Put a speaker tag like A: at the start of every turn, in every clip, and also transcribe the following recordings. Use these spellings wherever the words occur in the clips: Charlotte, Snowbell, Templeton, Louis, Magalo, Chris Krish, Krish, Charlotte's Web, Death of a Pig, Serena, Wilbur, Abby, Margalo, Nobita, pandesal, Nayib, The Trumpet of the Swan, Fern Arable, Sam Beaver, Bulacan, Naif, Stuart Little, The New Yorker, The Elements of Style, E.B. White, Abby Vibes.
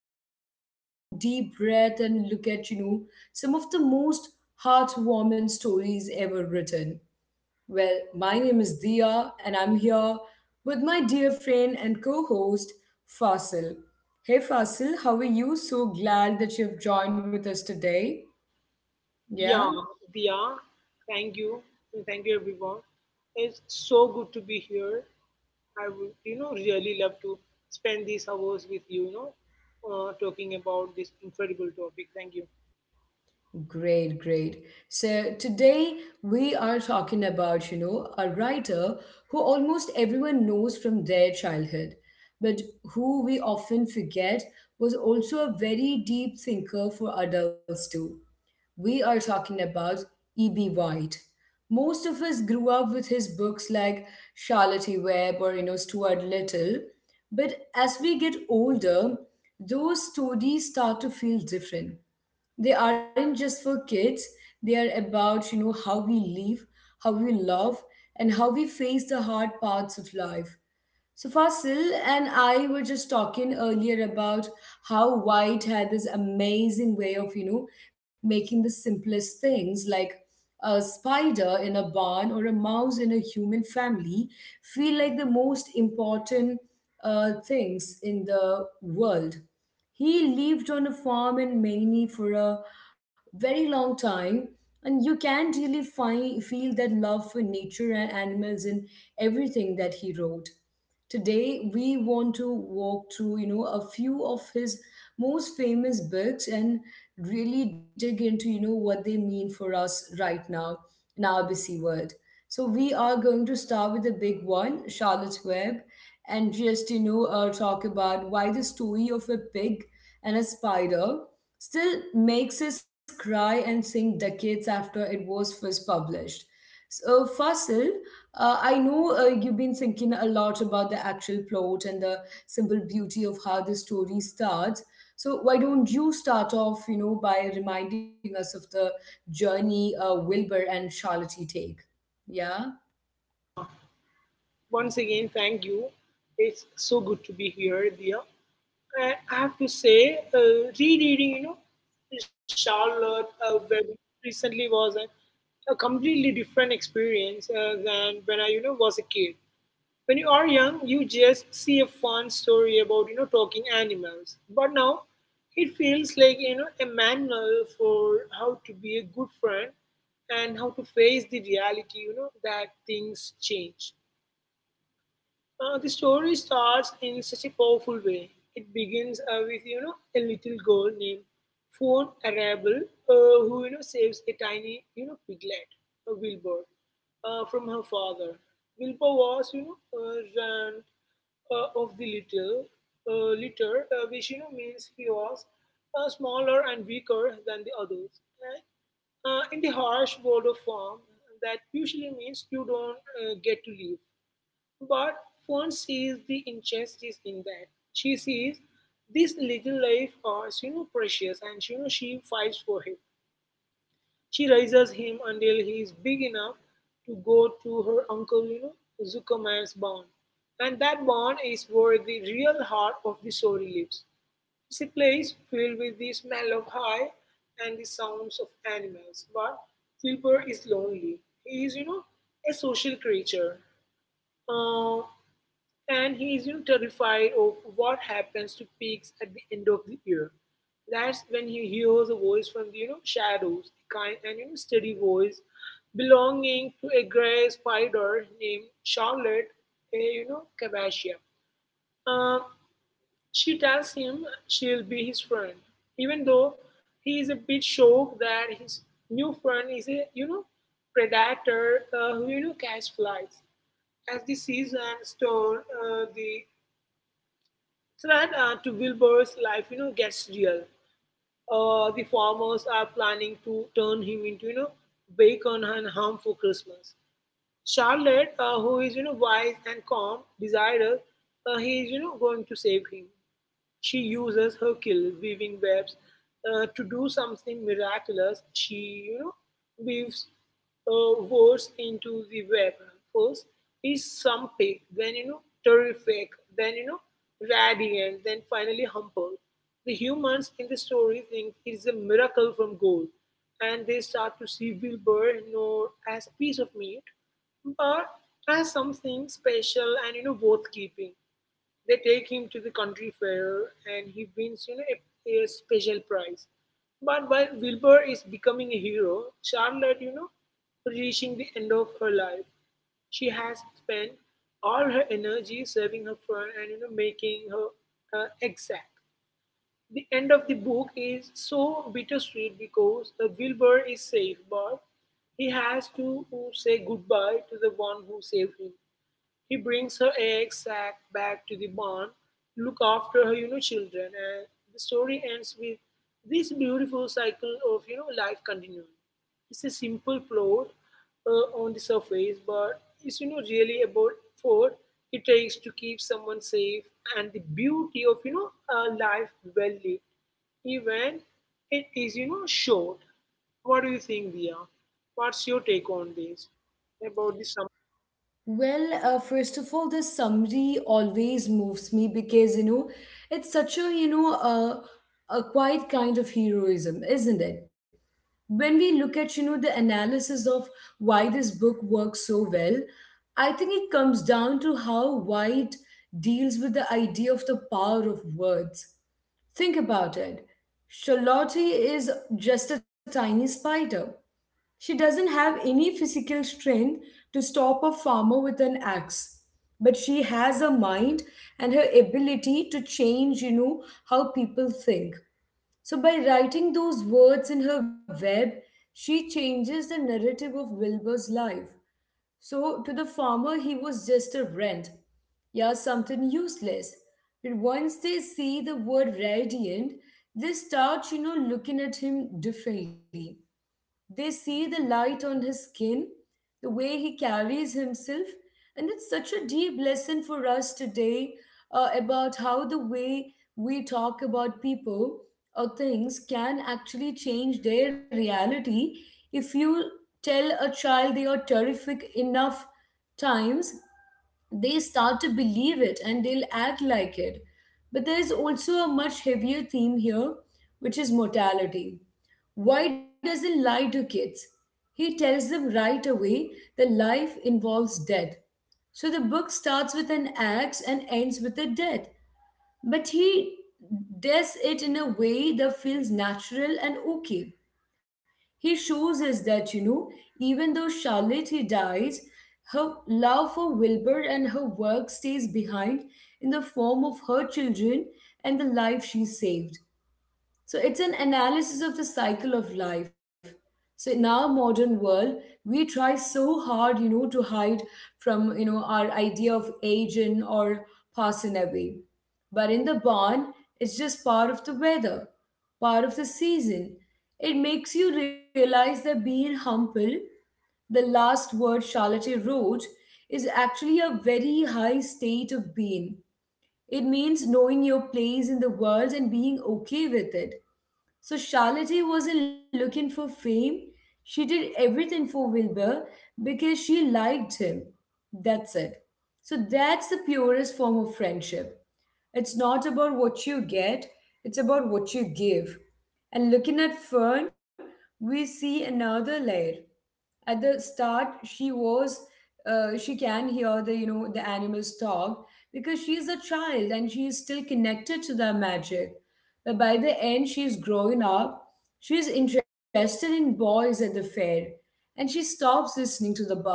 A: take a slow, deep breath and look at, some of the most heartwarming stories ever written. Well, my name is Dia, and I'm here with my dear friend and co host, Fasil. Hey, Fasil, how are you? So glad that you've joined with us today. Yeah,
B: Yeah, Dia. Thank you. And thank you, everyone. It's so good to be here. I would really love to spend these hours with you talking about this incredible topic. Thank you.
A: great, great. So, today we are talking about, a writer who almost everyone knows from their childhood, but who we often forget was also a very deep thinker for adults too. We are talking about E.B. White. Most of us grew up with his books like Charlotte E. Webb or Stuart Little, but as we get older, those stories start to feel different. They aren't just for kids. They are about how we live, how we love, and how we face the hard parts of life. So Fasil and I were just talking earlier about how White had this amazing way of, making the simplest things like a spider in a barn or a mouse in a human family feel like the most important things in the world. He lived on a farm in Maine for a very long time, and you can really feel that love for nature and animals in everything that he wrote. Today, we want to walk through, a few of his most famous books and really dig into, what they mean for us right now in our busy world. So we are going to start with the big one, Charlotte's Web, and just, talk about why the story of a pig and a spider still makes us cry and sing decades after it was first published. So, Fasil, I know you've been thinking a lot about the actual plot and the simple beauty of how the story starts. So why don't you start off, by reminding us of the journey Wilbur and Charlotte take? Yeah.
B: Yeah, once again, thank you. It's so good to be here, Dia. And I have to say, rereading Charlotte Web recently was a completely different experience than when I was a kid. When you are young, you just see a fun story about talking animals. But now, it feels like a manual for how to be a good friend and how to face the reality. You know that things change. The story starts in such a powerful way. It begins with a little girl named Fawn Arable who saves a tiny piglet, a Wilbur, from her father. Wilbur was run of the little litter, which means he was smaller and weaker than the others. And in the harsh world of farm, that usually means you don't get to live. But Fern sees the injustice in that. She sees this little life as precious, and she fights for him. She raises him until he is big enough to go to her uncle, Zuckerman's barn. And that barn is where the real heart of the story lives. It's a place filled with the smell of hay and the sounds of animals. But Wilbur is lonely. He is, a social creature. Uh, and he is terrified of what happens to pigs at the end of the year. That's when he hears a voice from the shadows, a kind and steady voice belonging to a gray spider named Charlotte, a Cavasia. Uh, she tells him she'll be his friend, even though he is a bit shocked that his new friend is a predator who catches flies. As the season turns, the threat to Wilbur's life, gets real. The farmers are planning to turn him into, bacon and ham for Christmas. Charlotte, who is, wise and calm, desirous, he is, going to save him. She uses her kill, weaving webs, to do something miraculous. She, you know, weaves words into the web. First is some pig, then terrific, then radiant, then finally humble. The humans in the story think it's a miracle from God, and they start to see Wilbur not as a piece of meat, but as something special and worth keeping. They take him to the country fair and he wins a special prize. But while Wilbur is becoming a hero, Charlotte, reaching the end of her life. She has spent all her energy serving her friend and making her exact. The end of the book is so bittersweet because Wilbur is safe, but he has to say goodbye to the one who saved him. He brings her egg sack back to the barn, look after her, children, and the story ends with this beautiful cycle of life continuing. It's a simple plot on the surface, but it's really about effort it takes to keep someone safe and the beauty of a life well lived, even it is short. What do you think, Dia? What's your take on this about this?
A: Well, first of all, this summary always moves me because it's such a a quiet kind of heroism, isn't it? When we look at the analysis of why this book works so well, I think it comes down to how White deals with the idea of the power of words. Think about it. Charlotte is just a tiny spider. She doesn't have any physical strength to stop a farmer with an axe, but she has a mind and her ability to change how people think. So, by writing those words in her web, she changes the narrative of Wilbur's life. So, to the farmer, he was just a rent, yeah, something useless. But once they see the word radiant, they start, looking at him differently. They see the light on his skin, the way he carries himself, and it's such a deep lesson for us today about how the way we talk about people or things can actually change their reality. If you tell a child they are terrific enough times, they start to believe it and they'll act like it. But there's also a much heavier theme here, which is mortality. Why doesn't lie to kids? He tells them right away that life involves death. So the book starts with an axe and ends with a death. But he does it in a way that feels natural and okay. He shows us that, even though Charlotte he dies, her love for Wilbur and her work stays behind in the form of her children and the life she saved. So it's an analysis of the cycle of life. So in our modern world, we try so hard, to hide from, our idea of aging or passing away. But in the barn, it's just part of the weather, part of the season. It makes you realize that being humble, the last word Charlotte wrote, is actually a very high state of being. It means knowing your place in the world and being okay with it. So Charlotte wasn't looking for fame. She did everything for Wilbur because she liked him. That's it. So that's the purest form of friendship. It's not about what you get, it's about what you give. And looking at Fern, we see another layer. At the start she was she can hear the the animals talk because she is a child and she is still connected to the magic, but by the end she is growing up. She is interested in boys at the fair and she stops listening to the bun.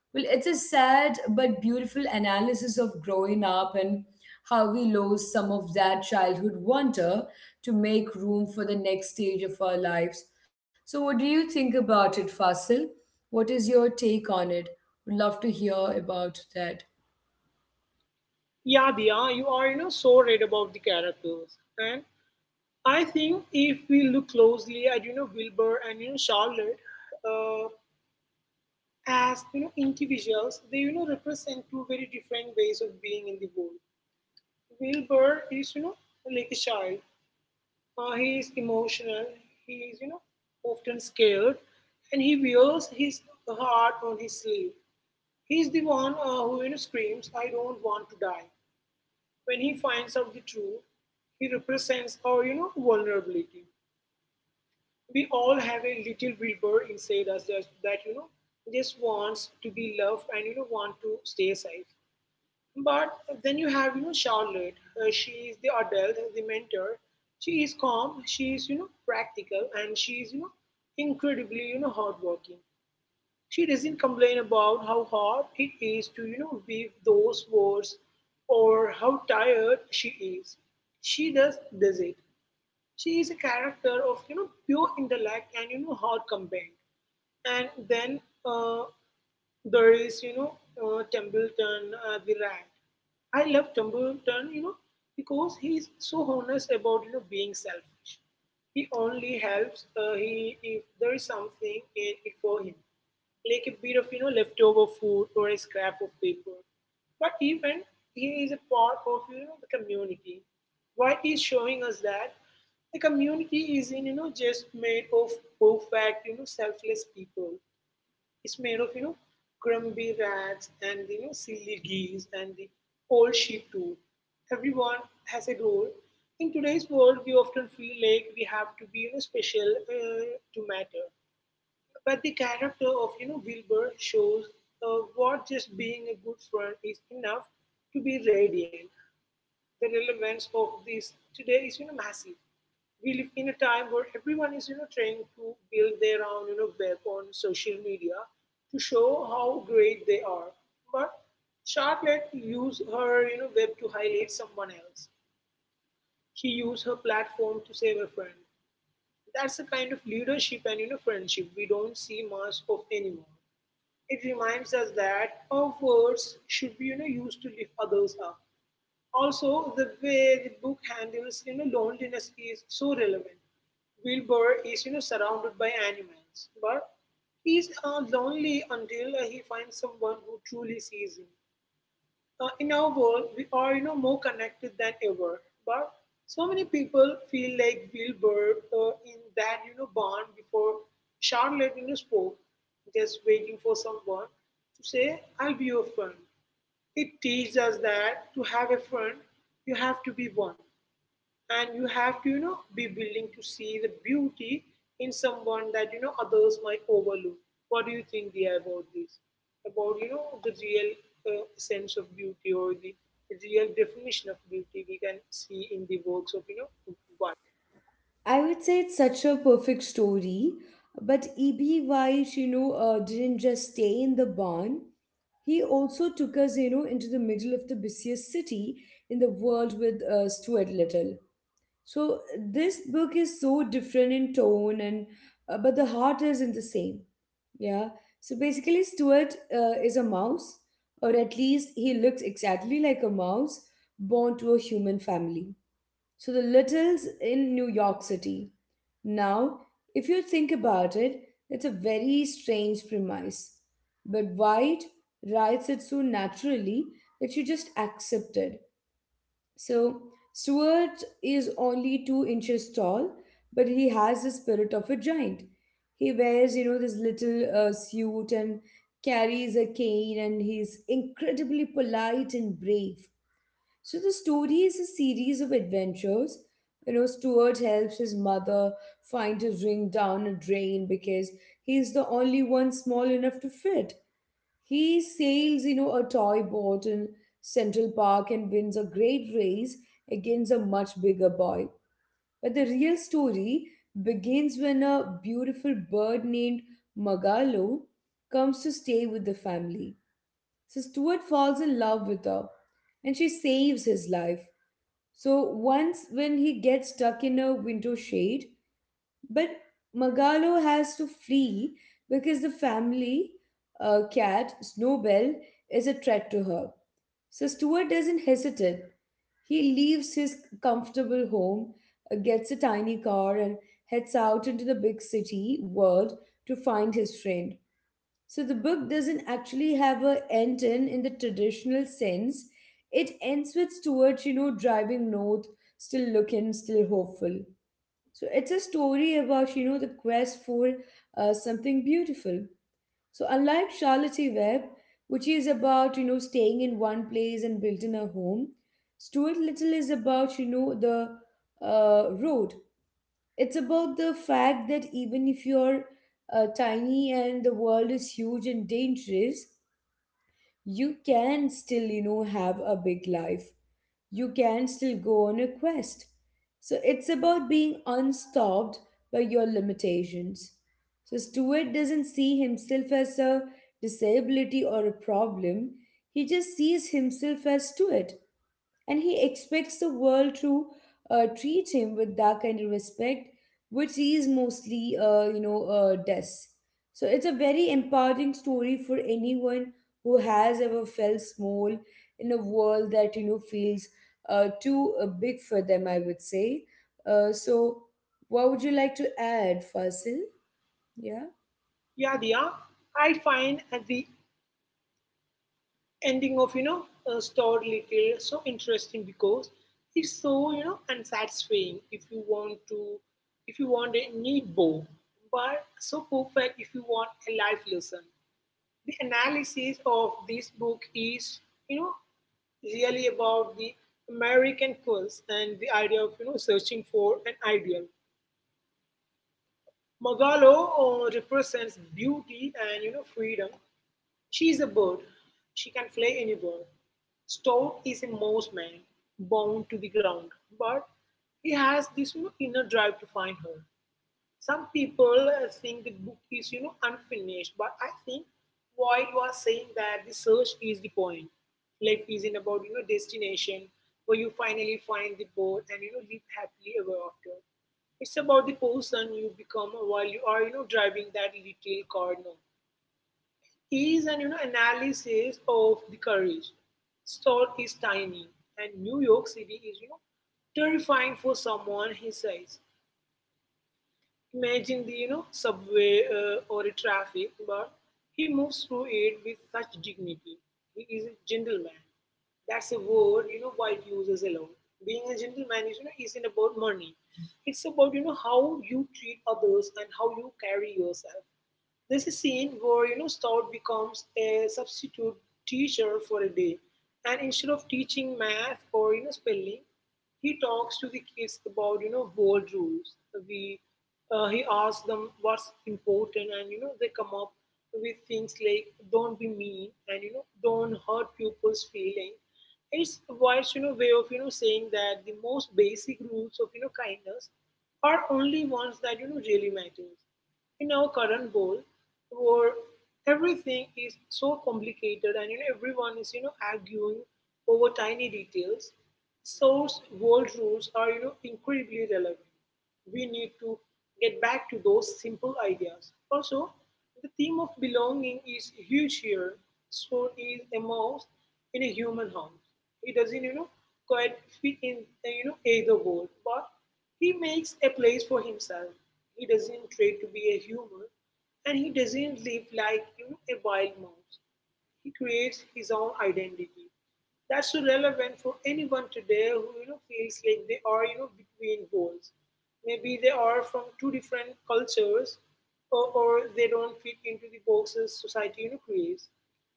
A: Well, it's a sad but beautiful analysis of growing up and how we lose some of that childhood wonder to make room for the next stage of our lives. So what do you think about it, Fasil? What is your take on it? Would love to hear about that.
B: Yeah, Diya, you are, so right about the characters. And I think if we look closely at, Wilbur and, Charlotte uh, as, individuals, they, represent two very different ways of being in the world. Wilbur is, like a child. He is emotional. He is, often scared. And he wears his heart on his sleeve. He's the one who, screams, I don't want to die when he finds out the truth, he represents our, vulnerability. We all have a little Wilbur inside us that just wants to be loved and, want to stay safe. But then you have, Charlotte. She is the adult, the mentor. She is calm. She is, practical, and she is, incredibly, hardworking. She doesn't complain about how hard it is to, weave those words or how tired she is. She just does it. She is a character of pure intellect and hard campaign. And then there is Templeton the rat. I love Templeton, because he is so honest about being selfish. He only helps he if there is something in it for him, like a bit of leftover food or a scrap of paper. But even he is a part of the community what is showing us that the community isn't just made of perfect selfless people. It's made of grumpy rats and silly geese and the old sheep too. Everyone has a role. In today's world, we often feel like we have to be special to matter. But the character of Wilbur shows what just being a good friend is enough to be radiant. The relevance of this today is massive. We live in a time where everyone is trying to build their own web on social media to show how great they are. But Charlotte used her web to highlight someone else. She used her platform to save a friend. That's the kind of leadership and friendship we don't see much of anymore. It reminds us that our words should be used to lift others up. Also, the way the book handles loneliness is so relevant. Wilbur is surrounded by animals, but he's lonely until he finds someone who truly sees him. In our world, we are more connected than ever, but so many people feel like Will Burr in that barn before Charlotte spoke, just waiting for someone to say, "I'll be your friend." It teaches us that to have a friend, you have to be one and you have to be willing to see the beauty in someone that others might overlook. What do you think, Dia, about this about the real sense of beauty or the real definition of beauty we can see in the works of White?
A: I would say it's such a perfect story, but E.B. White, didn't just stay in the barn. He also took us, into the middle of the busiest city in the world with Stuart Little. So this book is so different in tone and but the heart isn't the same. Yeah. So basically, Stuart is a mouse, or at least he looks exactly like a mouse born to a human family. So the Littles in New York City. Now, if you think about it, it's a very strange premise. But White writes it so naturally that you just accept it. So Stuart is only 2 inches tall, but he has the spirit of a giant. He wears, this little suit and carries a cane, and he's incredibly polite and brave. So the story is a series of adventures. Stuart helps his mother find his ring down a drain because he's the only one small enough to fit. He sails, a toy boat in Central Park and wins a great race against a much bigger boy. But the real story begins when a beautiful bird named Magalo comes to stay with the family. So Stuart falls in love with her and she saves his life. So once when he gets stuck in a window shade, but Magalo has to flee because the family cat, Snowbell, is a threat to her. So Stuart doesn't hesitate. He leaves his comfortable home, gets a tiny car, and heads out into the big city world to find his friend. So the book doesn't actually have a end in the traditional sense. It ends with Stuart, driving north, still looking, still hopeful. So it's a story about, the quest for something beautiful. So unlike Charlotte Web, which is about, staying in one place and building a home, Stuart Little is about, you know, the road. It's about the fact that even if you're tiny and the world is huge and dangerous, you can still have a big life. You can still go on a quest. So it's about being unstopped by your limitations. So Stuart doesn't see himself as a disability or a problem. He just sees himself as Stuart, and he expects the world to treat him with that kind of respect, which he is mostly, does. So it's a very empowering story for anyone who has ever felt small in a world that feels too big for them, I would say. So, what would you like to add, Fasil? Yeah.
B: Yeah, Dia, I find at the ending of Star Little so interesting because it's so unsatisfying if you want a neat bow, but so perfect if you want a life lesson. The analysis of this book is you know really about the American quest and the idea of searching for an ideal. Magalo represents beauty and freedom. She is a bird. She can fly anywhere. Stout is a mouse man, bound to the ground, but he has this inner drive to find her. Some people think the book is unfinished, but I think White was saying that the search is the point. Life isn't about destination where you finally find the boat and live happily ever after. It's about the person you become while you are driving that little car. No is an analysis of the courage. Store is tiny, and New York City is terrifying for someone his size. Imagine the subway or a traffic, but he moves through it with such dignity. He is a gentleman. That's a word White uses alone. Being a gentleman is you know isn't about money. It's about how you treat others and how you carry yourself. There's a scene where Stout becomes a substitute teacher for a day, and instead of teaching math or spelling, he talks to the kids about world rules. We he asks them what's important, and they come up with things like don't be mean and don't hurt people's feeling. It's a wise way of saying that the most basic rules of kindness are only ones that really matters in our current world where everything is so complicated and everyone is arguing over tiny details source world rules are incredibly relevant we need to get back to those simple ideas. Also, the theme of belonging is huge here. So is a mouse in a human house. He doesn't, quite fit in, either world, but he makes a place for himself. He doesn't try to be a human, and he doesn't live like a wild mouse. He creates his own identity. That's so relevant for anyone today who feels like they are between worlds. Maybe they are from two different cultures, or they don't fit into the boxes society creates.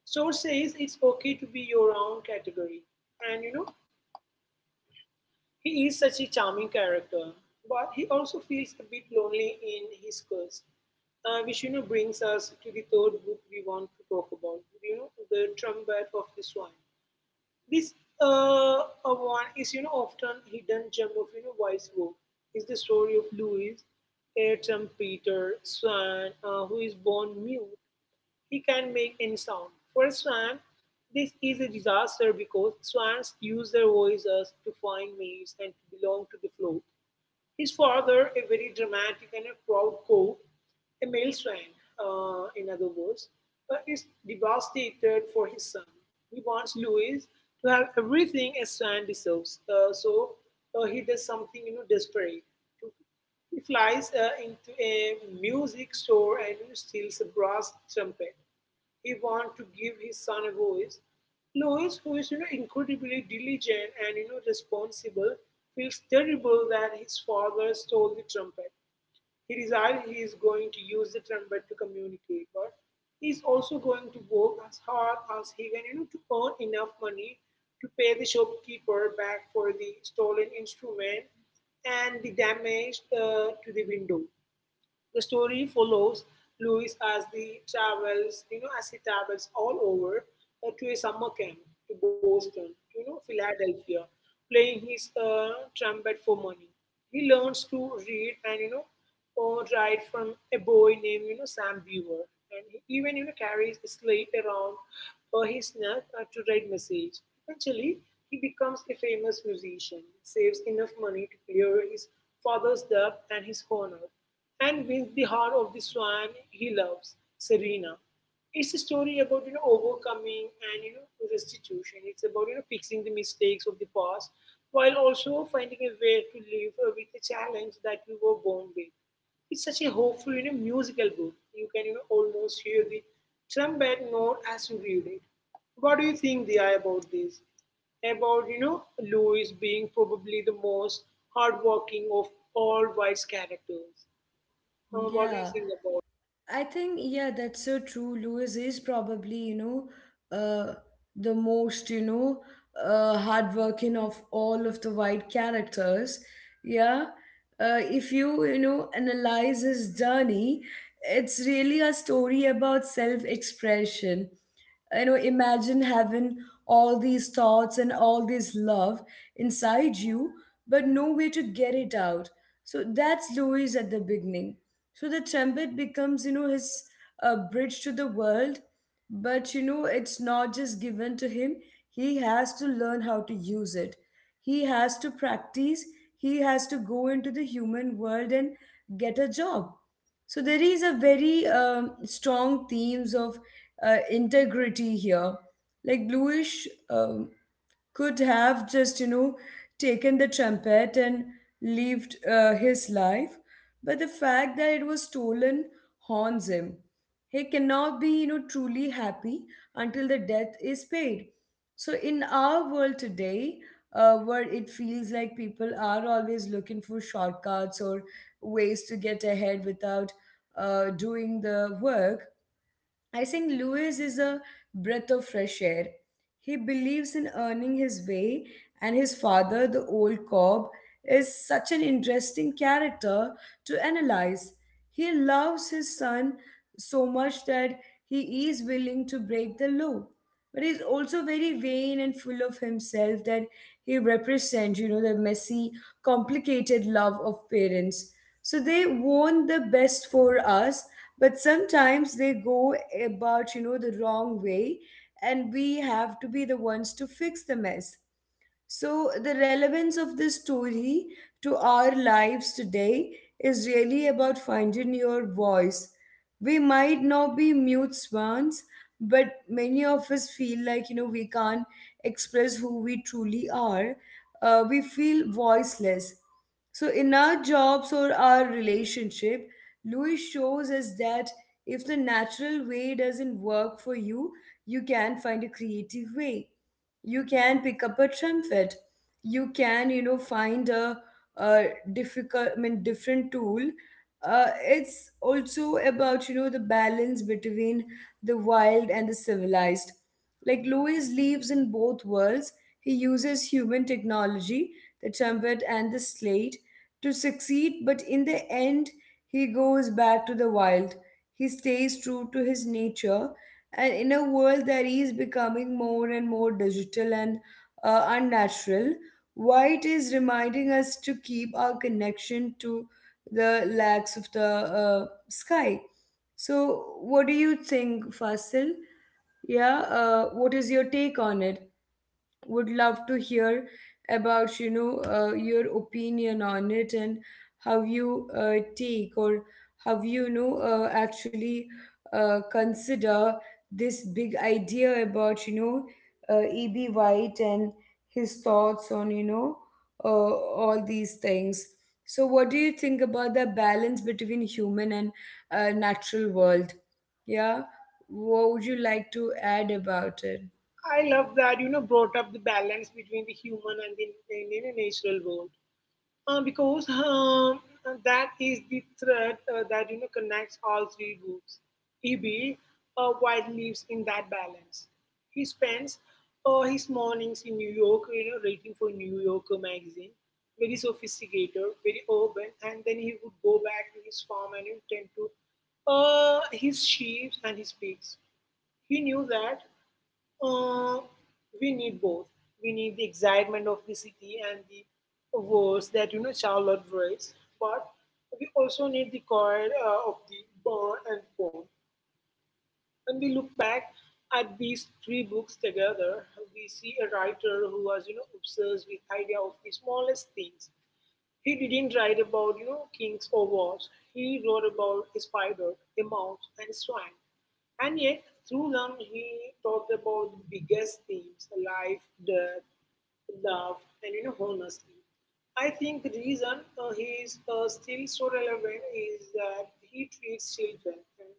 B: Source says it's okay to be your own category, and he is such a charming character, but he also feels a bit lonely in his quest, which brings us to the third book we want to talk about. You know, the Trumpet of the swine. This one is often hidden gem of wise work. Is the story of Louis, Ayrton Peter Swan, who is born mute. He can make any sound. For a swan, this is a disaster because swans use their voices to find mates and to belong to the flock. His father, a very dramatic and a proud cock, a male swan, in other words, is devastated for his son. He wants Louis to have everything a swan deserves, so he does something desperate to he flies into a music store and steals a brass trumpet. He wants to give his son a voice. Louis, who is incredibly diligent and responsible, feels terrible that his father stole the trumpet. He decided he is going to use the trumpet to communicate, but he is also going to work as hard as he can to earn enough money to pay the shopkeeper back for the stolen instrument and the damage to the window. The story follows Louis as the travels, as he travels all over to a summer camp, to Boston, to, Philadelphia, playing his trumpet for money. He learns to read and, or write from a boy named, Sam Beaver. And he even, carries a slate around his neck to write message. Eventually, he becomes a famous musician, saves enough money to clear his father's debt and his honor and wins the heart of the swan he loves, Serena. It's a story about overcoming and restitution. It's about fixing the mistakes of the past while also finding a way to live with the challenge that you were born with. It's such a hopeful musical book. You can almost hear the trumpet note as you read it. What do you think, Dia, about this? About Louis being probably the most hardworking of all wise characters. What do you
A: Yeah.
B: think about?
A: I think, yeah, that's so true. Lewis is probably, uh, the most, hardworking of all of the white characters. Yeah. If you, analyze his journey, it's really a story about self expression. Imagine having all these thoughts and all this love inside you, but no way to get it out. So that's Louis at the beginning. So the trumpet becomes, his bridge to the world. But, it's not just given to him. He has to learn how to use it. He has to practice. He has to go into the human world and get a job. So there is a very strong themes of integrity here. Like Bluish could have just, taken the trumpet and lived his life. But the fact that it was stolen haunts him. He cannot be, truly happy until the debt is paid. So in our world today, where it feels like people are always looking for shortcuts or ways to get ahead without doing the work, I think Lewis is a breath of fresh air. He believes in earning his way, and his father, the old cob, is such an interesting character to analyze. He loves his son so much that he is willing to break the law, but he's also very vain and full of himself that he represents, you know, the messy, complicated love of parents. So they want the best for us, but sometimes they go about, you know, the wrong way, and we have to be the ones to fix the mess. So the relevance of this story to our lives today is really about finding your voice. We might not be mute swans, but many of us feel like, you know, we can't express who we truly are. We feel voiceless. So in our jobs or our relationship, Louis shows us that if the natural way doesn't work for you, you can find a creative way. You can pick up a trumpet. You can, you know, find a difficult I mean different tool. It's also about, you know, the balance between the wild and the civilized. Like Louis lives in both worlds. He uses human technology, the trumpet and the slate, to succeed, but in the end he goes back to the wild. He stays true to his nature. And in a world that is becoming more and more digital and unnatural, White is reminding us to keep our connection to the lags of the sky. So what do you think, Fasil? Yeah, what is your take on it? Would love to hear about, you know, your opinion on it, and how you take, or how you know, actually consider this big idea about, you know, E.B. White and his thoughts on, you know, uh, all these things. So what do you think about the balance between human and natural world? Yeah. What would you like to add about it?
B: I love that you know brought up the balance between the human and the, natural world because that is the thread that connects all three groups. Eb while lives in that balance. He spends his mornings in New York, writing for New Yorker magazine. Very sophisticated, very urban, and then he would go back to his farm and tend to his sheep and his pigs. He knew that Uh, we need both. We need the excitement of the city and the wars that Charlotte writes, but we also need the quiet of the bar and pond. When we look back at these three books together, we see a writer who was obsessed with idea of the smallest things he didn't write about, kings or wars. He wrote about a spider, a mouse, and a swan. And yet, through them, he talked about the biggest themes life, death, love, and, honesty. I think the reason he is still so relevant is that he treats children and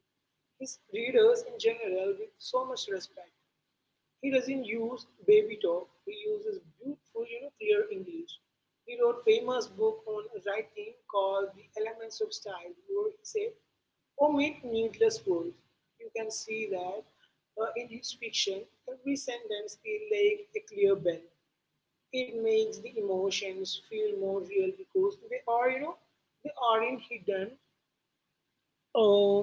B: his readers in general with so much respect. He doesn't use baby talk. He uses beautiful, clear English. He wrote a famous book on writing called The Elements of Style, where he said, omit needless words. You can see that in his fiction, every sentence is like a clear bell. It makes the emotions feel more real because they are, they aren't hidden uh,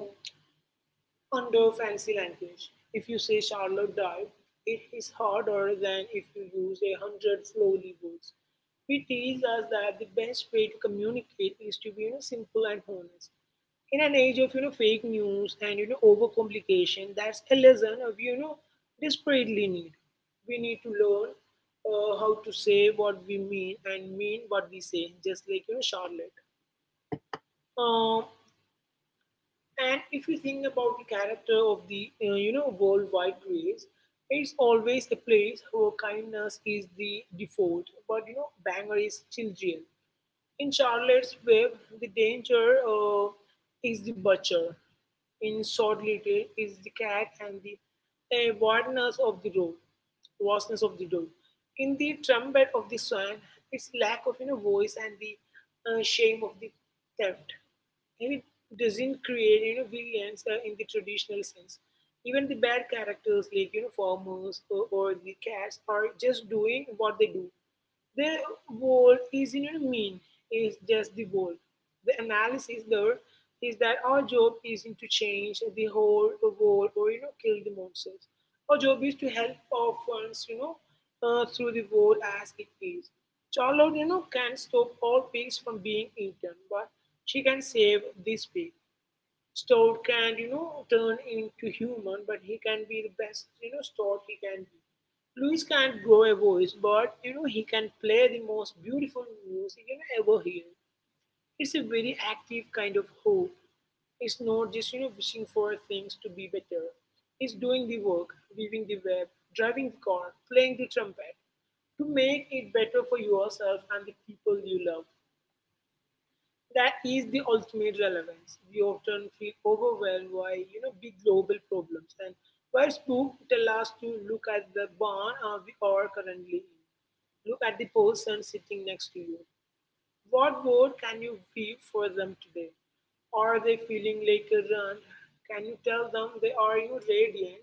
B: under fancy language. If you say Charlotte died, it is harder than if you use a hundred flowery words. We teach us that the best way to communicate is to be simple and honest. In an age of fake news and overcomplication, that's a lesson of desperately need. We need to learn how to say what we mean and mean what we say, just like Charlotte. Um, and if you think about the character of the worldwide race, it's always a place where kindness is the default, but banger is still real. In Charlotte's Web, the danger is the butcher. In Sword Little is the cat and the wildness of the road, vastness of the road. In the trumpet of the swan, its lack of voice and the shame of the theft. And it doesn't create villains in the traditional sense. Even the bad characters like farmers or the cats are just doing what they do the wall isn't a mean, it's just the wall. The analysis there is that our job isn't to change the whole wall or kill the monsters. Our job is to help orphans, through the wall as it is. Charlotte, can stop all pigs from being eaten, but she can save this pig. Stout can, turn into human, but he can be the best, stout he can be. Louis can't grow a voice, but he can play the most beautiful music ever hear. It's a very active kind of hope. It's not just, wishing for things to be better. It's doing the work, weaving the web, driving the car, playing the trumpet to make it better for yourself and the people you love. That is the ultimate relevance. We often feel overwhelmed by big global problems, and White's book tell us to look at the barn we are currently in. Look at the person sitting next to you. What word can you give for them today? Are they feeling like a run? Can you tell them they are radiant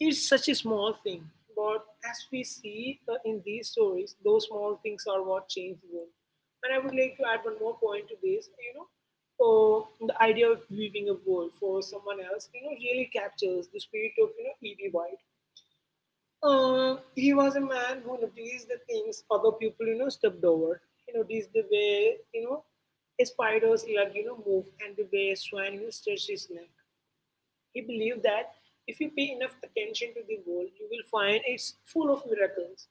B: it's such a small thing, but as we see in these stories, those small things are what change the world. And I would like to add one more point to this. The idea of leaving a world for someone else, really captures the spirit of E.B. White. He was a man who noticed the things other people stepped over. He noticed the way a spider's leg move and the way a swan stretched his neck he believed that if you pay enough attention to the world, you will find it's full of miracles,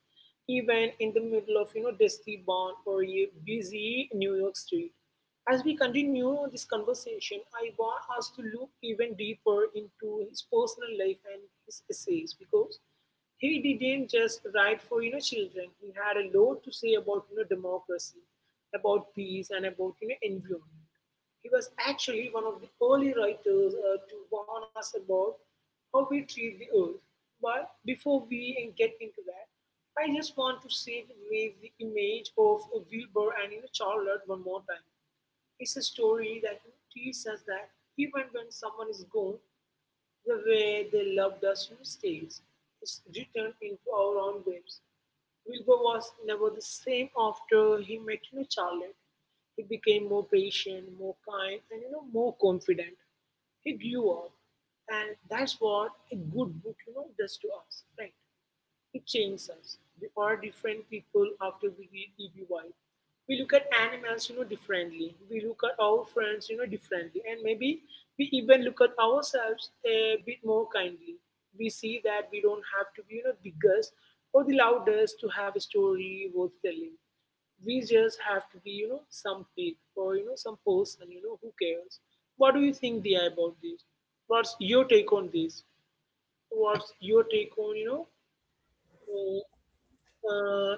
B: even in the middle of dusty barn or a busy New York street. As we continue this conversation, I want us to look even deeper into his personal life and his essays because he didn't just write for children. He had a lot to say about democracy, about peace, and about environment. He was actually one of the early writers to warn us about how we treat the earth. But before we get into that, I just want to sit with the image of Wilbur and Charlotte one more time. It's a story that teaches us that even when someone is gone, the way they loved us on stage is written into our own graves. Wilbur was never the same after he met Charlotte. He became more patient, more kind, and more confident. He grew up, and that's what a good book does to us, right? It changes us. We are different people after we read E.B. White. We look at animals, differently. We look at our friends, differently. And maybe we even look at ourselves a bit more kindly. We see that we don't have to be, biggest or the loudest to have a story worth telling. We just have to be, some people or, some person, who cares. What do you think, Dia, about this? What's your take on this? What's your take on, uh, uh,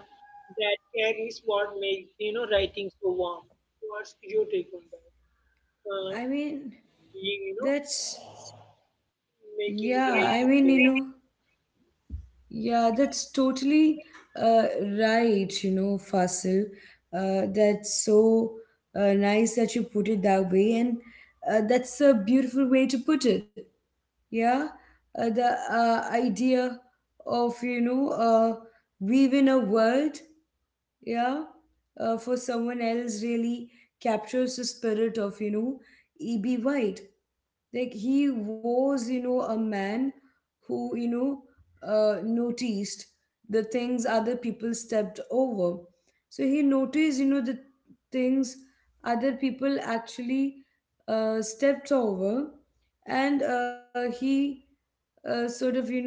B: that care is what makes writing so warm. What's your take on that? Uh,
A: I mean,
B: you, you know,
A: that's... Yeah,
B: making
A: I
B: the, yeah,
A: mean, you
B: writing so
A: know,
B: really warm.
A: yeah, that's totally uh, right, you know, Fasil. That's so nice that you put it that way, and that's a beautiful way to put it. Yeah, the idea of, you know, weaving a world, yeah, for someone else really captures the spirit of, you know, E.B. White. Like, he was, you know, a man who, you know, noticed the things other people stepped over. So he noticed, you know, the things other people actually stepped over. And he sort of, you know,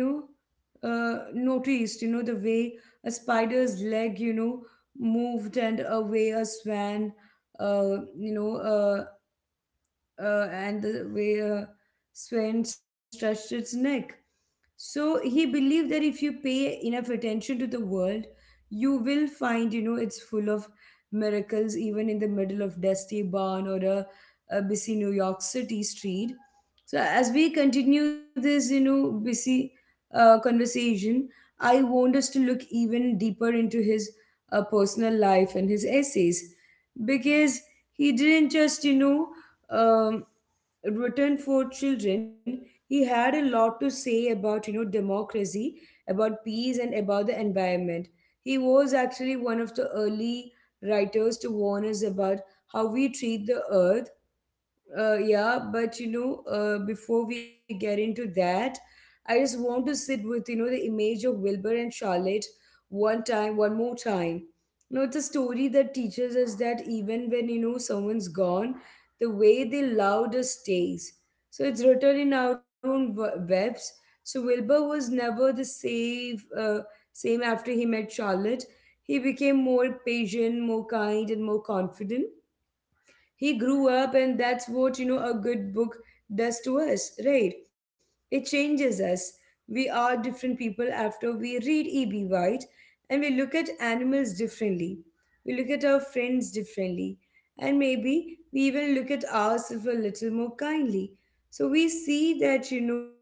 A: noticed, you know, the way a spider's leg, you know, moved and a way a swan uh, you know uh and the way swan stretched its neck. So he believed that if you pay enough attention to the world, you will find, you know, it's full of miracles, even in the middle of dusty barn or a busy New York City street. So as we continue this, you know, busy conversation, I want us to look even deeper into his personal life and his essays because he didn't just, you know, um, written for children. He had a lot to say about, you know, democracy, about peace, and about the environment. He was actually one of the early writers to warn us about how we treat the earth. Yeah, but you know, before we get into that, I just want to sit with, you know, the image of Wilbur and Charlotte one more time. You know, it's a story that teaches us that even when, you know, someone's gone, the way they loved us stays. So it's written in our own webs. So Wilbur was never the same. Same after he met Charlotte, he became more patient, more kind, and more confident. He grew up, and that's what, you know, a good book does to us, right? It changes us. We are different people after we read E.B. White. And we look at animals differently. We look at our friends differently. And maybe we even look at ourselves a little more kindly. So we see that, you know,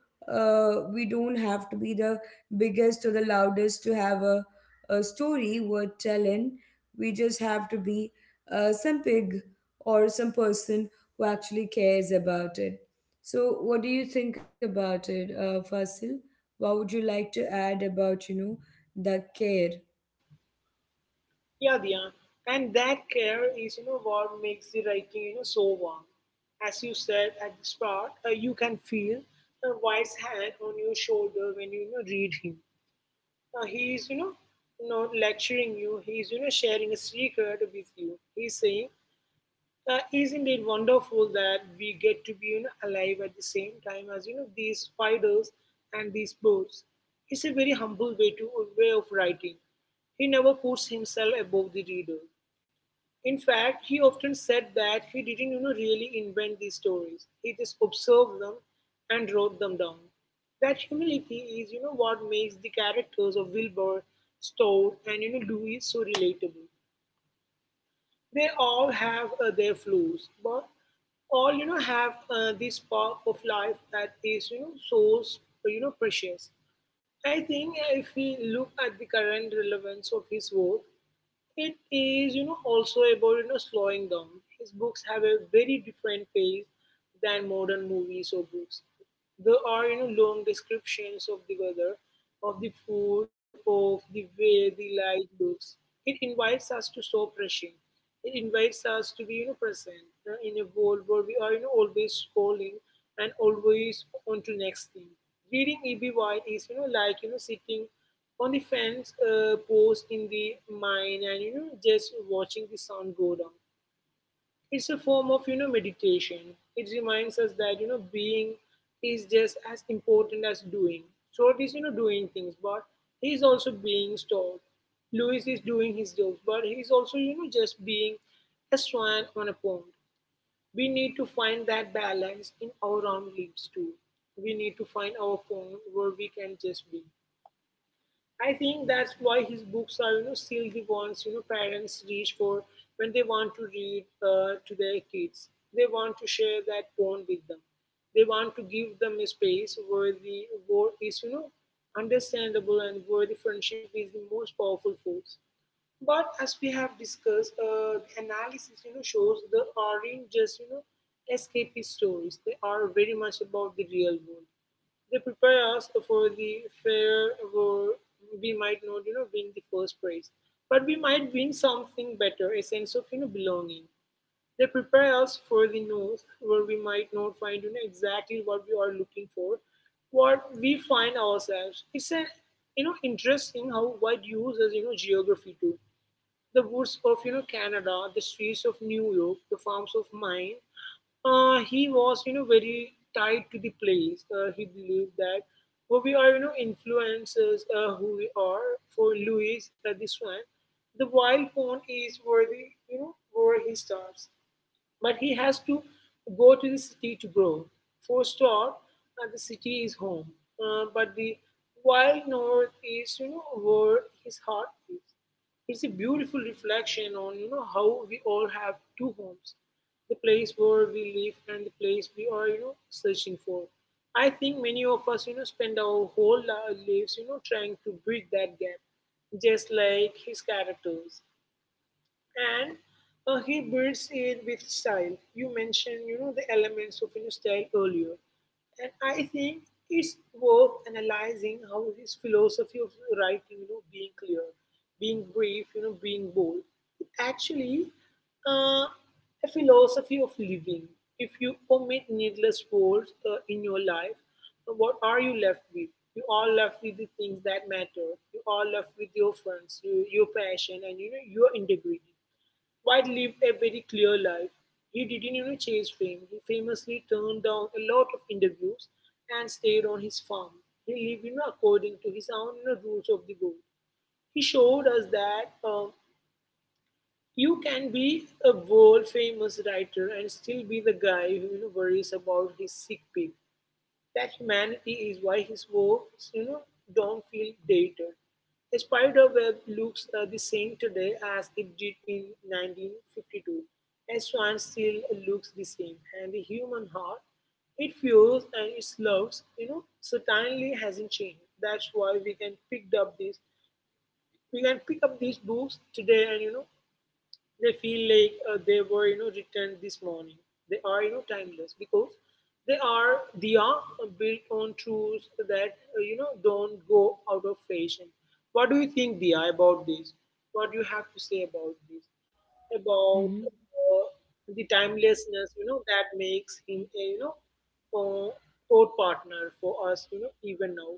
A: we don't have to be the biggest or the loudest to have a story worth telling. We just have to be some pig or some person who actually cares about it. So what do you think about it, Fasil? What would you like to add about, you know, the care?
B: Yeah, yeah. And that care is what makes the writing so warm. As you said at the start, you can feel a wife's hand on your shoulder when you know read him. He is not lecturing you. He is sharing a secret with you. He's saying isn't it wonderful that we get to be, alive at the same time as these spiders and these birds? It's a very humble way of writing. He never puts himself above the reader. In fact, he often said that he didn't really invent these stories. He just observed them and wrote them down. That humility is what makes the characters of Wilbur, Stout, and Louis so relatable. They all have their flaws, but all have this spark of life that is so precious. I think if we look at the current relevance of his work, it is also about slowing down. His books have a very different pace than modern movies or books. There are long descriptions of the weather, of the food, of the way the light looks. It invites us to stop rushing. It invites us to be, present, in a world where we are, always scrolling and always on to next thing. Reading E.B. White is like sitting on the fence, post in the mine, and just watching the sun go down. It's a form of meditation. It reminds us that being is just as important as doing. So it is doing things, but he's also being stopped. Louis is doing his jobs, but he's also just being a swan on a pond. We need to find that balance in our own lives too. We need to find our pond where we can just be. I think that's why his books are, still the ones parents reach for when they want to read, to their kids. They want to share that bond with them. They want to give them a space where the war is, understandable, and where the friendship is the most powerful force. But as we have discussed, the analysis shows they aren't just escapist stories. They are very much about the real world. They prepare us for the fair where we might not, win the first prize, but we might win something better, a sense of, belonging. They prepare us for the north where we might not find, exactly what we are looking for, what we find ourselves. It's, interesting how wide uses, geography too. The woods of Canada, the streets of New York, the farms of Maine. He was very tied to the place. He believed that who we are influences, who we are. For Louis, this one, the wild pond is where the you know where he starts. But he has to go to the city to grow. For Star, the city is home, but the wild north is, where his heart is. It's a beautiful reflection on, how we all have two homes, the place where we live and the place we are, searching for. I think many of us, spend our whole lives, trying to bridge that gap, just like his characters, and he builds it with style. You mentioned, the elements of, style earlier, and I think it's worth analyzing how his philosophy of writing, being clear, being brief, being bold, it actually, uh, a philosophy of living. If you omit needless words, in your life, what are you left with? You are left with the things that matter. You are left with your friends, your passion, and your integrity. White lived a very clear life. He didn't, chase fame. He famously turned down a lot of interviews and stayed on his farm. He lived, according to his own, rules of the world. He showed us that, you can be a world famous writer and still be the guy who, worries about his sick pig. That humanity is why his works, don't feel dated. A spider web looks, the same today as it did in 1952. A swan still looks the same, and the human heart, it feels and it loves, certainly hasn't changed. That's why we can pick up these books today, and they feel like, they were, written this morning. They are, timeless because they are built on truths that, don't go out of fashion. What do you think, Dia, about this? What do you have to say about this? About,
A: Mm-hmm.
B: the timelessness, that makes him a, uh, thought partner for us, even now.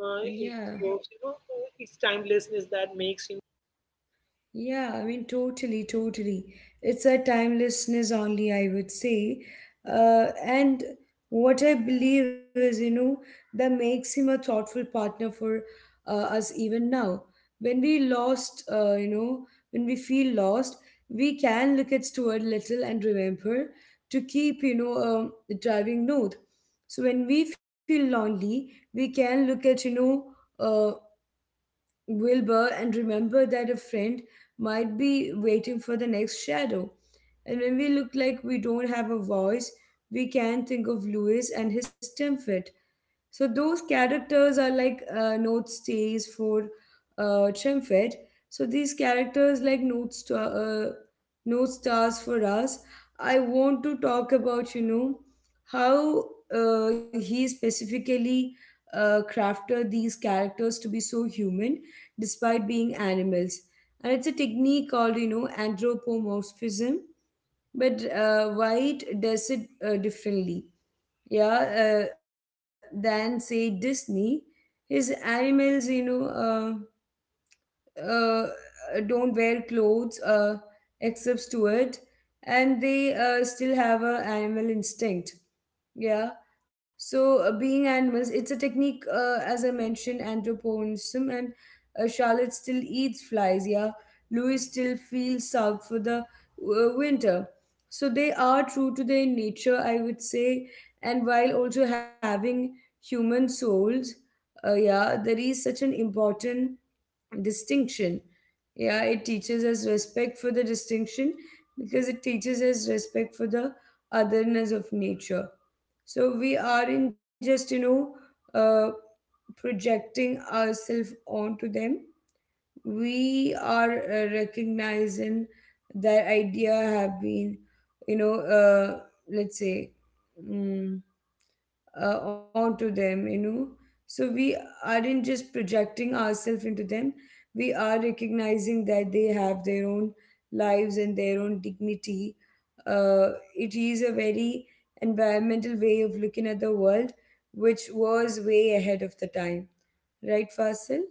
B: Uh, it's,
A: Yeah.
B: you know, uh, it's timelessness that makes him.
A: Yeah, I mean, totally, totally. It's a timelessness only, I would say. And what I believe is, you know, that makes him a thoughtful partner for us even now. When we lost, you know, when we feel lost, we can look at Stuart Little and remember to keep, you know, driving north. So when we feel lonely, we can look at, you know, uh, Wilbur and remember that a friend might be waiting for the next shadow. And when we look like we don't have a voice, we can think of Louis and his temper. So those characters are like note stays for Trimfed. So these characters like note star, note stars for us. I want to talk about, you know, how he specifically crafted these characters to be so human despite being animals, and it's a technique called, you know, anthropomorphism. But White does it differently, yeah, than say Disney. His animals, you know, uh, uh, don't wear clothes except Stewart, and they still have a animal instinct. Yeah. So being animals, it's a technique, as I mentioned, anthroponism, and Charlotte still eats flies. Yeah, Louis still feels south for the winter. So they are true to their nature, I would say, and while also having human souls. Yeah, there is such an important distinction. Yeah, it teaches us respect for the distinction because it teaches us respect for the otherness of nature. So we aren't just, you know, uh, projecting ourselves onto them. We are recognizing that idea have been, you know, let's say, mm, onto them, you know. So we aren't just projecting ourselves into them. We are recognizing that they have their own lives and their own dignity. It is a very environmental way of looking at the world, which was way ahead of the time. Right, Fasil?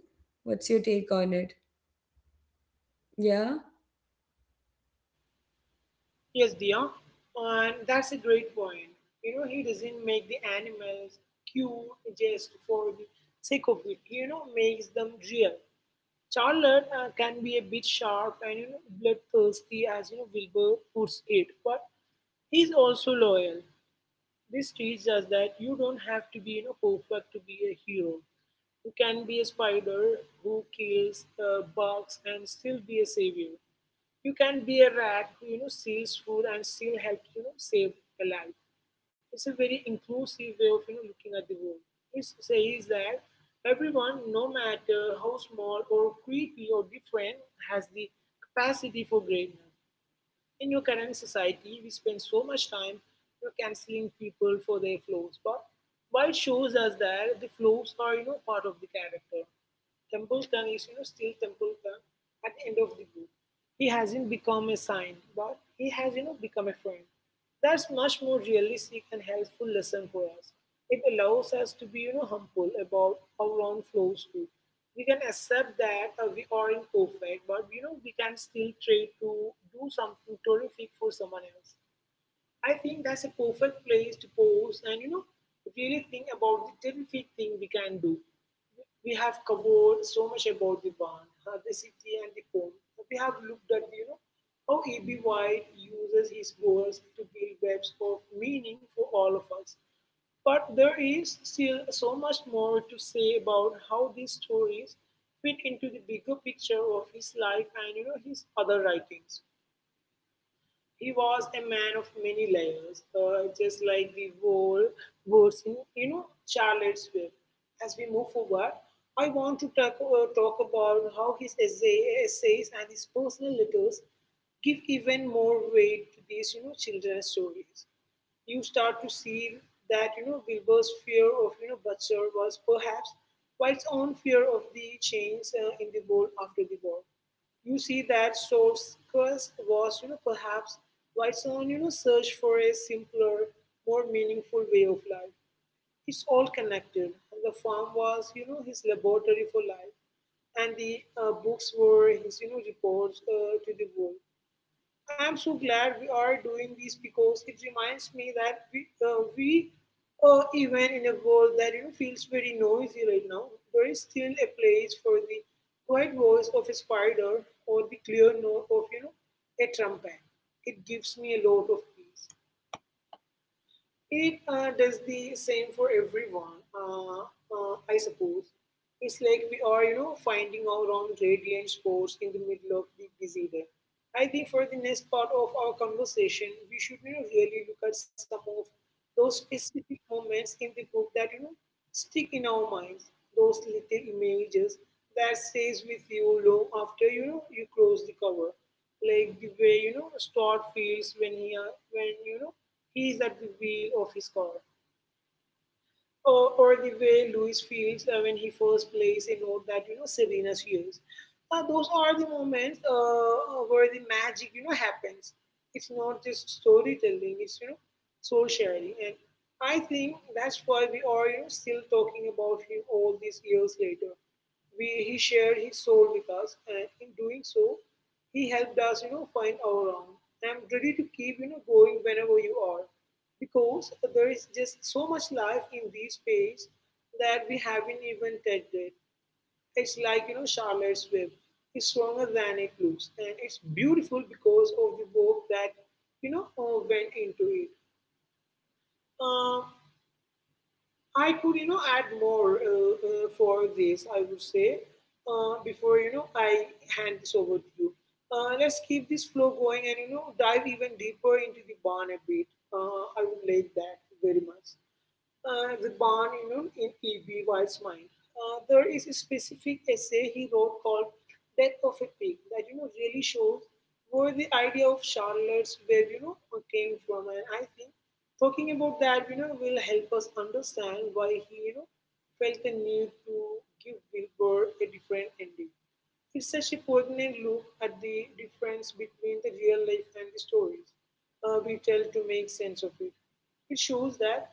A: What's your take on it? Yeah.
B: Yes, Dia, and that's a great point. He doesn't make the animals cute just for the sake of it. He, makes them real. Charlotte, can be a bit sharp and bloodthirsty, as Wilbur puts it, but he's also loyal. This teaches us that you don't have to be, perfect to be a hero. You can be a spider who kills, bugs and still be a savior. You can be a rat who steals food and still help save a life. It's a very inclusive way of looking at the world. It says that everyone, no matter how small or creepy or different, has the capacity for greatness. In your current society, we spend so much time, canceling people for their flaws, but why it shows us that the flaws are part of the character. Templeton is still Templeton at the end of the book. He hasn't become a saint, but he has become a friend. That's much more realistic and helpful lesson for us. It allows us to be, humble about our own flows too. We can accept that, we are imperfect, but, we can still try to do something terrific for someone else. I think that's a perfect place to pause and really think about the terrific thing we can do. We have covered so much about the barn, the city, and the home. We have looked at how E.B. White uses his words to build webs of meaning for all of us. But there is still so much more to say about how these stories fit into the bigger picture of his life and his other writings. He was a man of many layers, just like the whole words in, Charlotte's Web. As we move forward, I want to talk about how his essays and his personal letters give even more weight to these, children's stories. You start to see that, Wilbur's fear of, Butcher was perhaps quite its own fear of the change, in the world after the war. You see that Soul's quest was, perhaps White's own, search for a simpler, more meaningful way of life. It's all connected, and the farm was, his laboratory for life, and the, books were his, reports, to the world. I'm so glad we are doing this, because it reminds me that we even in a world that, feels very noisy right now, there is still a place for the quiet voice of a spider or the clear note of a trumpet. It gives me a lot of peace. It, does the same for everyone, I suppose. It's like we are, finding our own radiant spots in the middle of the busy day. I think for the next part of our conversation, we should really look at some of those specific moments in the book that stick in our minds. Those little images that stays with you long after you close the cover, like the way Star feels when he when you know he is at the wheel of his car. Or the way Louis feels when he first plays a note that Serena used. Those are the moments where the magic happens. It's not just storytelling; it's soul sharing. And I think that's why we are still talking about him all these years later. We he shared his soul with us, and in doing so, he helped us find our own. I'm ready to keep going whenever you are. Because there is just so much life in these pages that we haven't even touched it. It's like, Charlotte's Web. It's stronger than it looks. And it's beautiful because of the work that went into it. Uh, I could, add more for this, I would say, before I hand this over to you. Let's keep this flow going and, dive even deeper into the barn a bit. I would like that very much the barn, in E.B. White's mind. There is a specific essay he wrote called Death of a Pig that really shows where the idea of Charlotte's web came from, and I think talking about that will help us understand why he felt the need to give Wilbur a different ending. It's such a poignant look at the difference between the real life and the stories we tell to make sense of it. It shows that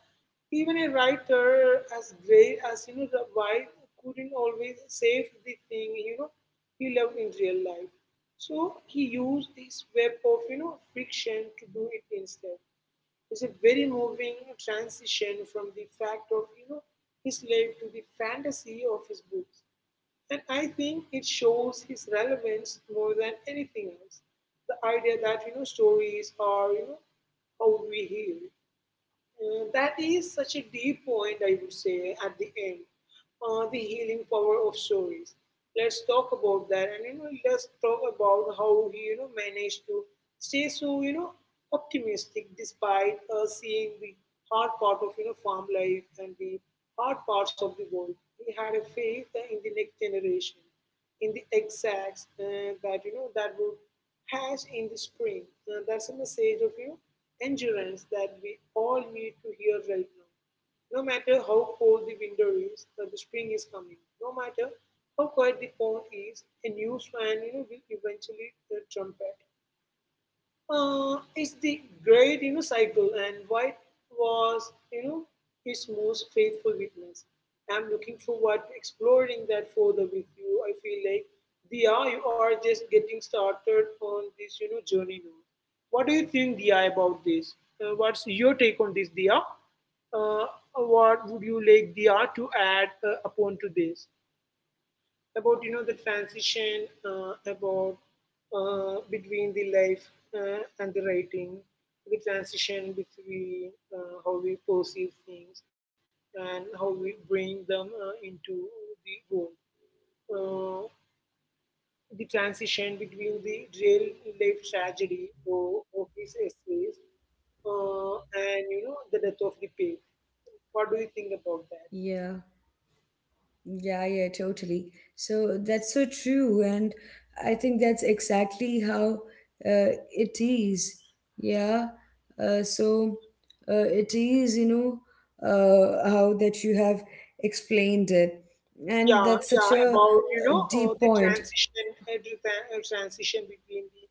B: even a writer as great as the White couldn't always save the thing he loved in real life. So he used this web of fiction to do it instead. It's a very moving transition from the fact of his life to the fantasy of his books, and I think it shows his relevance more than anything else. The idea that stories are how we heal. That is such a deep point, I would say, at the end. The healing power of stories. Let's talk about that, and let's talk about how he, managed to stay so, optimistic despite seeing the hard part of, farm life and the hard parts of the world. He had a faith in the next generation in the exacts that that would hatch in the spring. That's a message of endurance that we all need to hear right now. No matter how cold the winter is, the spring is coming. No matter how quiet the pond is, a new swan will eventually trumpet is the great cycle, and white was his most faithful witness. I'm looking forward to exploring that further with you. I feel like, Dia, you are just getting started on this journey now. What do you think, Dia, about this? What's your take on this, Dia? Uh, what would you like Dia to add upon to this, about the transition about between the life and the writing, the transition between how we perceive things and how we bring them into the world, uh, the transition between the real life tragedy of his essays, uh, and the death of the pig. What do you think about that?
A: Yeah. Yeah, yeah, totally. So that's so true. And I think that's exactly how it is. Yeah. So it is, you know, how that you have explained it. And
B: yeah
A: that's such
B: yeah
A: a
B: about
A: deep
B: the
A: point.
B: transition transition between the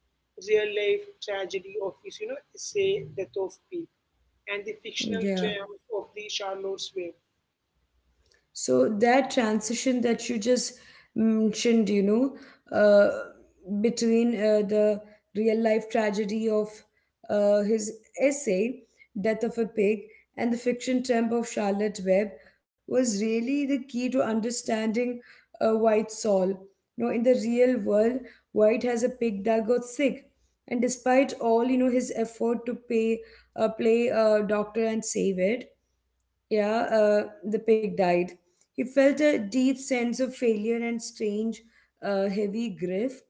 B: real life tragedy of his say Death of Peak and the fictional
A: Yeah.
B: triumph of the Charlotte's Web.
A: So that transition that you just mentioned, you know, uh, between the real life tragedy of his essay, Death of a Pig, and the fiction temp of Charlotte Webb was really the key to understanding White's soul. You know, in the real world, White has a pig that got sick. And despite all, you know, his effort to play a doctor and save it, yeah, the pig died. He felt a deep sense of failure and strange, heavy grief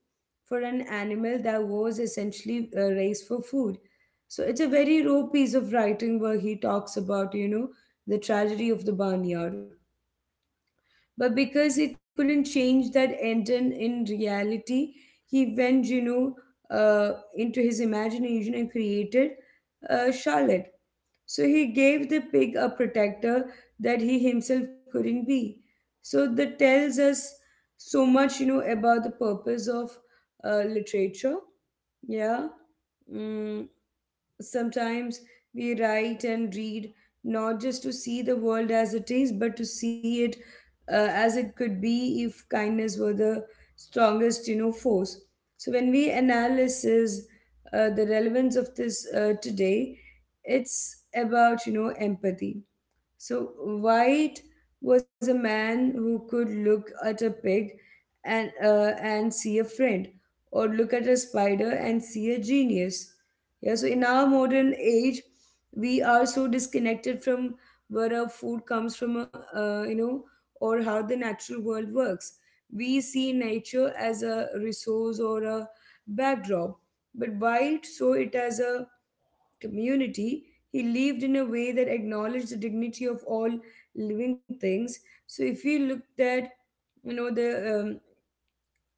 A: for an animal that was essentially raised for food. So it's a very raw piece of writing where he talks about, you know, the tragedy of the barnyard. But because he couldn't change that end in reality, he went, you know, into his imagination and created Charlotte. So he gave the pig a protector that he himself couldn't be. So that tells us so much, you know, about the purpose of literature. Yeah. Mm. Sometimes we write and read not just to see the world as it is, but to see it as it could be if kindness were the strongest, you know, force. So when we analysis the relevance of this today, it's about, you know, empathy. So White was a man who could look at a pig and see a friend, or look at a spider and see a genius. Yeah, so in our modern age, we are so disconnected from where our food comes from, you know, or how the natural world works. We see nature as a resource or a backdrop, but White saw it as a community. He lived in a way that acknowledged the dignity of all living things. So if we looked at, you know, the um,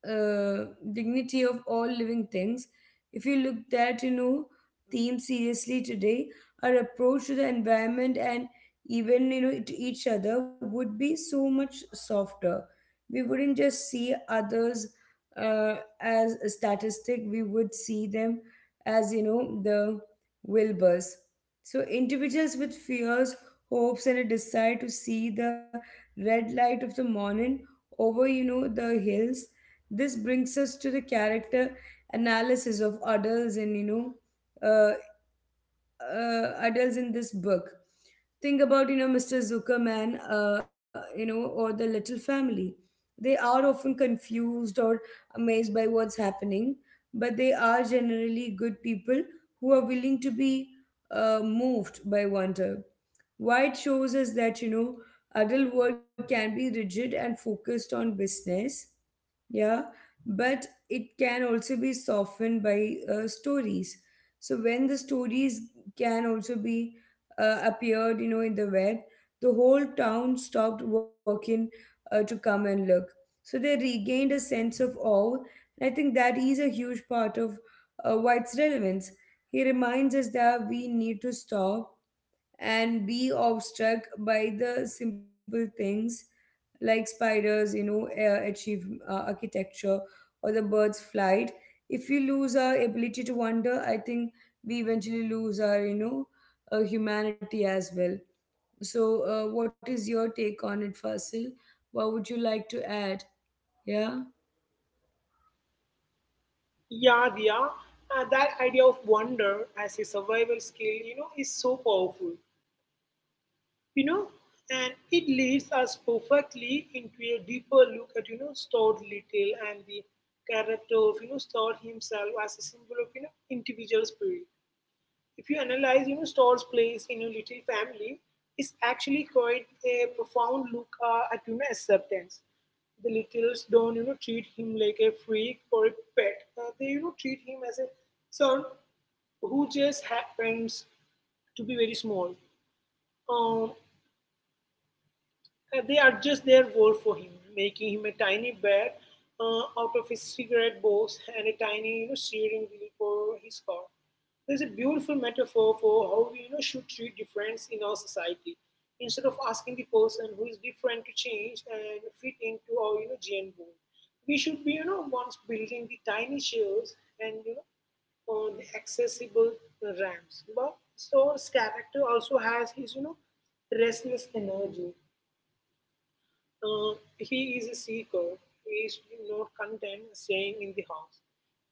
A: uh, dignity of all living things. If you look at, you know, theme seriously today, our approach to the environment and even, you know, to each other would be so much softer. We wouldn't just see others as a statistic, we would see them as, you know, the Wilburs. So individuals with fears, hopes, and a desire to see the red light of the morning over, you know, the hills. This brings us to the character analysis of adults in, you know, uh, adults in this book. Think about, you know, Mr. Zuckerman, you know, or the Little Family. They are often confused or amazed by what's happening, but they are generally good people who are willing to be moved by wonder. White shows us that, you know, adult world can be rigid and focused on business, yeah, but it can also be softened by stories. So when the stories can also be appeared, you know, in the web, the whole town stopped working to come and look. So they regained a sense of awe. And I think that is a huge part of White's relevance. He reminds us that we need to stop and be awestruck by the simple things like spiders, you know, achieve architecture or the bird's flight. If we lose our ability to wonder, I think we eventually lose our, you know, humanity as well. So what is your take on it, Fasil? What would you like to add? Yeah,
B: yeah yeah that idea of wonder as a survival skill is so powerful, you know and it leads us perfectly into a deeper look at Stott Little and the character of Stott himself as a symbol of individual spirit. If you analyze Stoll's place in your little family, is actually quite a profound look at acceptance. The littles don't treat him like a freak or a pet. They treat him as a son who just happens to be very small. Um, they adjust their world for him, making him a tiny bed out of his cigarette box and a tiny steering wheel for his car. There's a beautiful metaphor for how we should treat difference in our society. Instead of asking the person who is different to change and fit into our gene world, we should be once building the tiny shells and on the accessible ramps. But Thor's character also has his, restless energy. He is a seeker. He is not content staying in the house,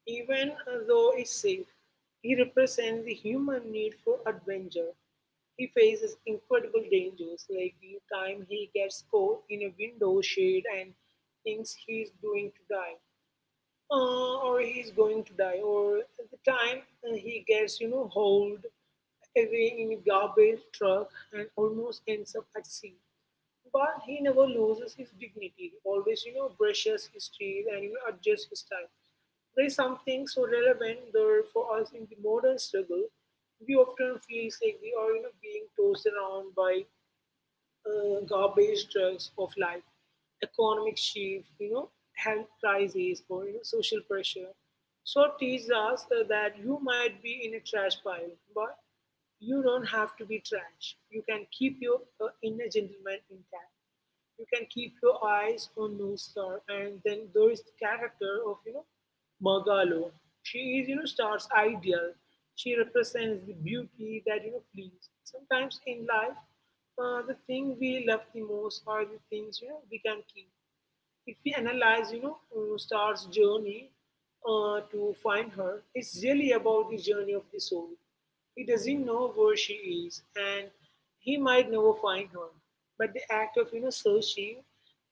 B: even though it's safe. He represents the human need for adventure. He faces incredible dangers, like the time he gets caught in a window shade and thinks he's going to die or at the time he gets, hauled away in a garbage truck and almost ends up at sea. But he never loses his dignity. He always, brushes his teeth and adjusts his style. There is something so relevant there for us in the modern struggle. We often feel like we are, being tossed around by garbage trucks of life, economic shift, health crises or social pressure. So teach us that you might be in a trash pile, but you don't have to be trash. You can keep your inner gentleman intact. You can keep your eyes on North Star. And then there is the character of, Margalo. She is, Star's ideal. She represents the beauty that, flees. Sometimes in life, the thing we love the most are the things, we can keep. If we analyze, Star's journey to find her, it's really about the journey of the soul. He doesn't know where she is, and he might never find her. But the act of, searching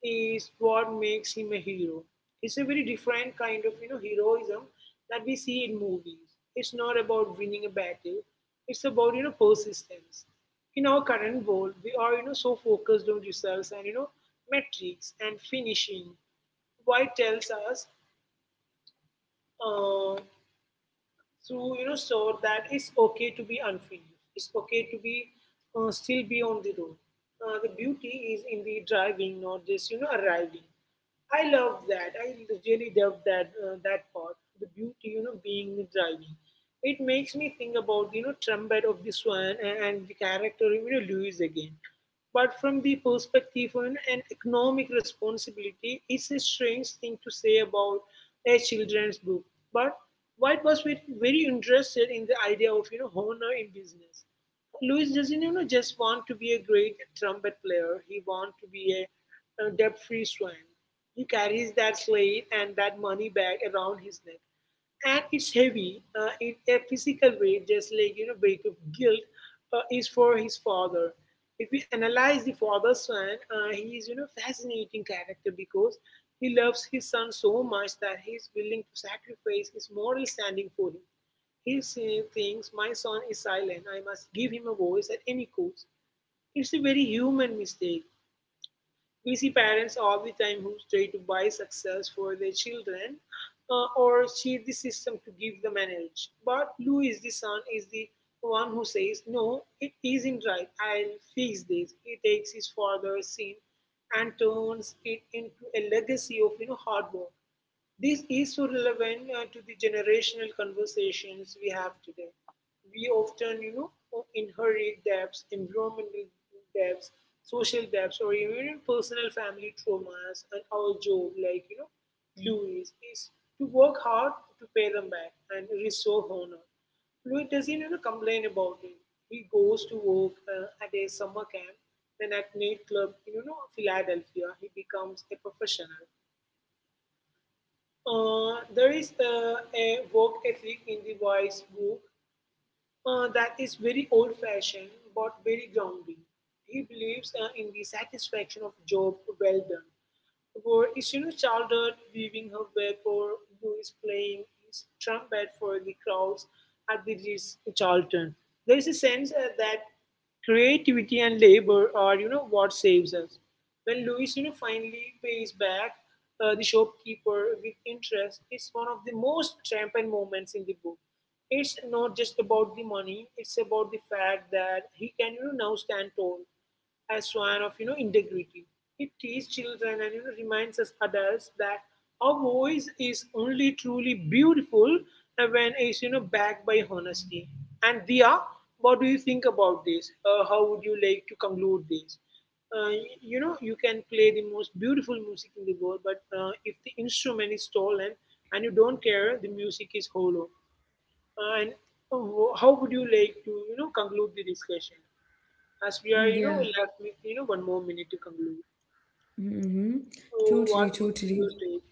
B: is what makes him a hero. It's a very different kind of, heroism that we see in movies. It's not about winning a battle. It's about, persistence. In our current world, we are so focused on results and metrics and finishing. Why tells us uh, to you know so that it's okay to be unfinished. It's okay to be still be on the road. The beauty is in the driving, not just arriving. I love that. I really love that part. The beauty, being the driving. It makes me think about trumpet of the swan and the character Lewis again. But from the perspective on an economic responsibility, it's a strange thing to say about a children's book. But White was very interested in the idea of honor in business. Luis doesn't just want to be a great trumpet player. He wants to be a debt-free swan. He carries that slate and that money bag around his neck, and it's heavy in a physical way, just like weight of guilt is for his father. If we analyze the father's son, he is fascinating character because he loves his son so much that he is willing to sacrifice his moral standing for him. He say things, my son is silent, I must give him a voice at any cost. It's a very human mistake. We see parents all the time who try to buy success for their children or cheat the system to give them an edge. But Louis, the son, is the one who says, no, it isn't right. I'll fix this. He takes his father's sin and turns it into a legacy of hard work. This is so relevant to the generational conversations we have today. We often, inherit debts, environmental debts, social debts, or even personal family traumas. And our job, like Louis, is to work hard to pay them back and restore honor. Louis doesn't complain about it. He goes to work at a summer camp, then at nightclub in Philadelphia. He becomes a professional. There is a work ethic in the wise book that is very old fashioned but very grounding. He believes in the satisfaction of job well done. Where is childhood weaving her web or who is playing his trumpet for the crowds at the Ritz Charlton. There is a sense that creativity and labor are, what saves us. When Louis, finally pays back the shopkeeper with interest, it's one of the most triumphant moments in the book. It's not just about the money; it's about the fact that he can, now stand tall as one of integrity. It teaches children and reminds us adults that our voice is only truly beautiful when it's backed by honesty. And Dia, what do you think about this? How would you like to conclude this? Uh, you know, you can play the most beautiful music in the world, but if the instrument is stolen and you don't care, the music is hollow. And how would you like to, conclude the discussion? As we are,
A: yeah,
B: left with, one more minute to conclude.
A: mm-hmm.
B: So, what
A: Totally,
B: would be
A: totally.
B: your take?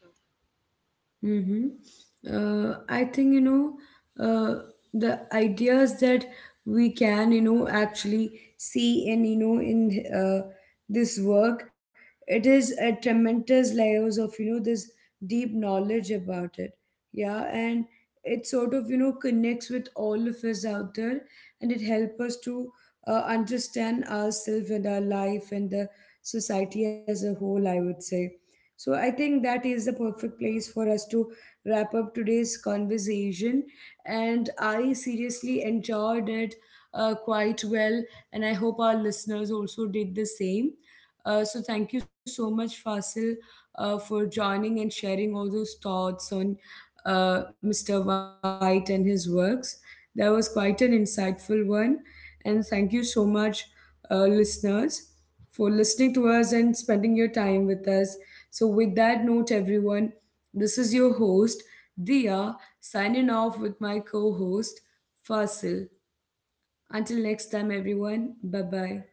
A: Mm-hmm. I think, you know, uh, the ideas that we can, you know, actually see and, you know, in this work, it is a tremendous layers of, you know, this deep knowledge about it. Yeah. And it sort of, you know, connects with all of us out there, and it helps us to understand ourselves and our life and the society as a whole, I would say. So I think that is the perfect place for us to wrap up today's conversation. And I seriously enjoyed it quite well. And I hope our listeners also did the same. So thank you so much, Fasil, for joining and sharing all those thoughts on Mr. White and his works. That was quite an insightful one. And thank you so much, listeners, for listening to us and spending your time with us. So with that note, everyone, this is your host, Dia, signing off with my co host, Fasil. Until next time, everyone, bye bye.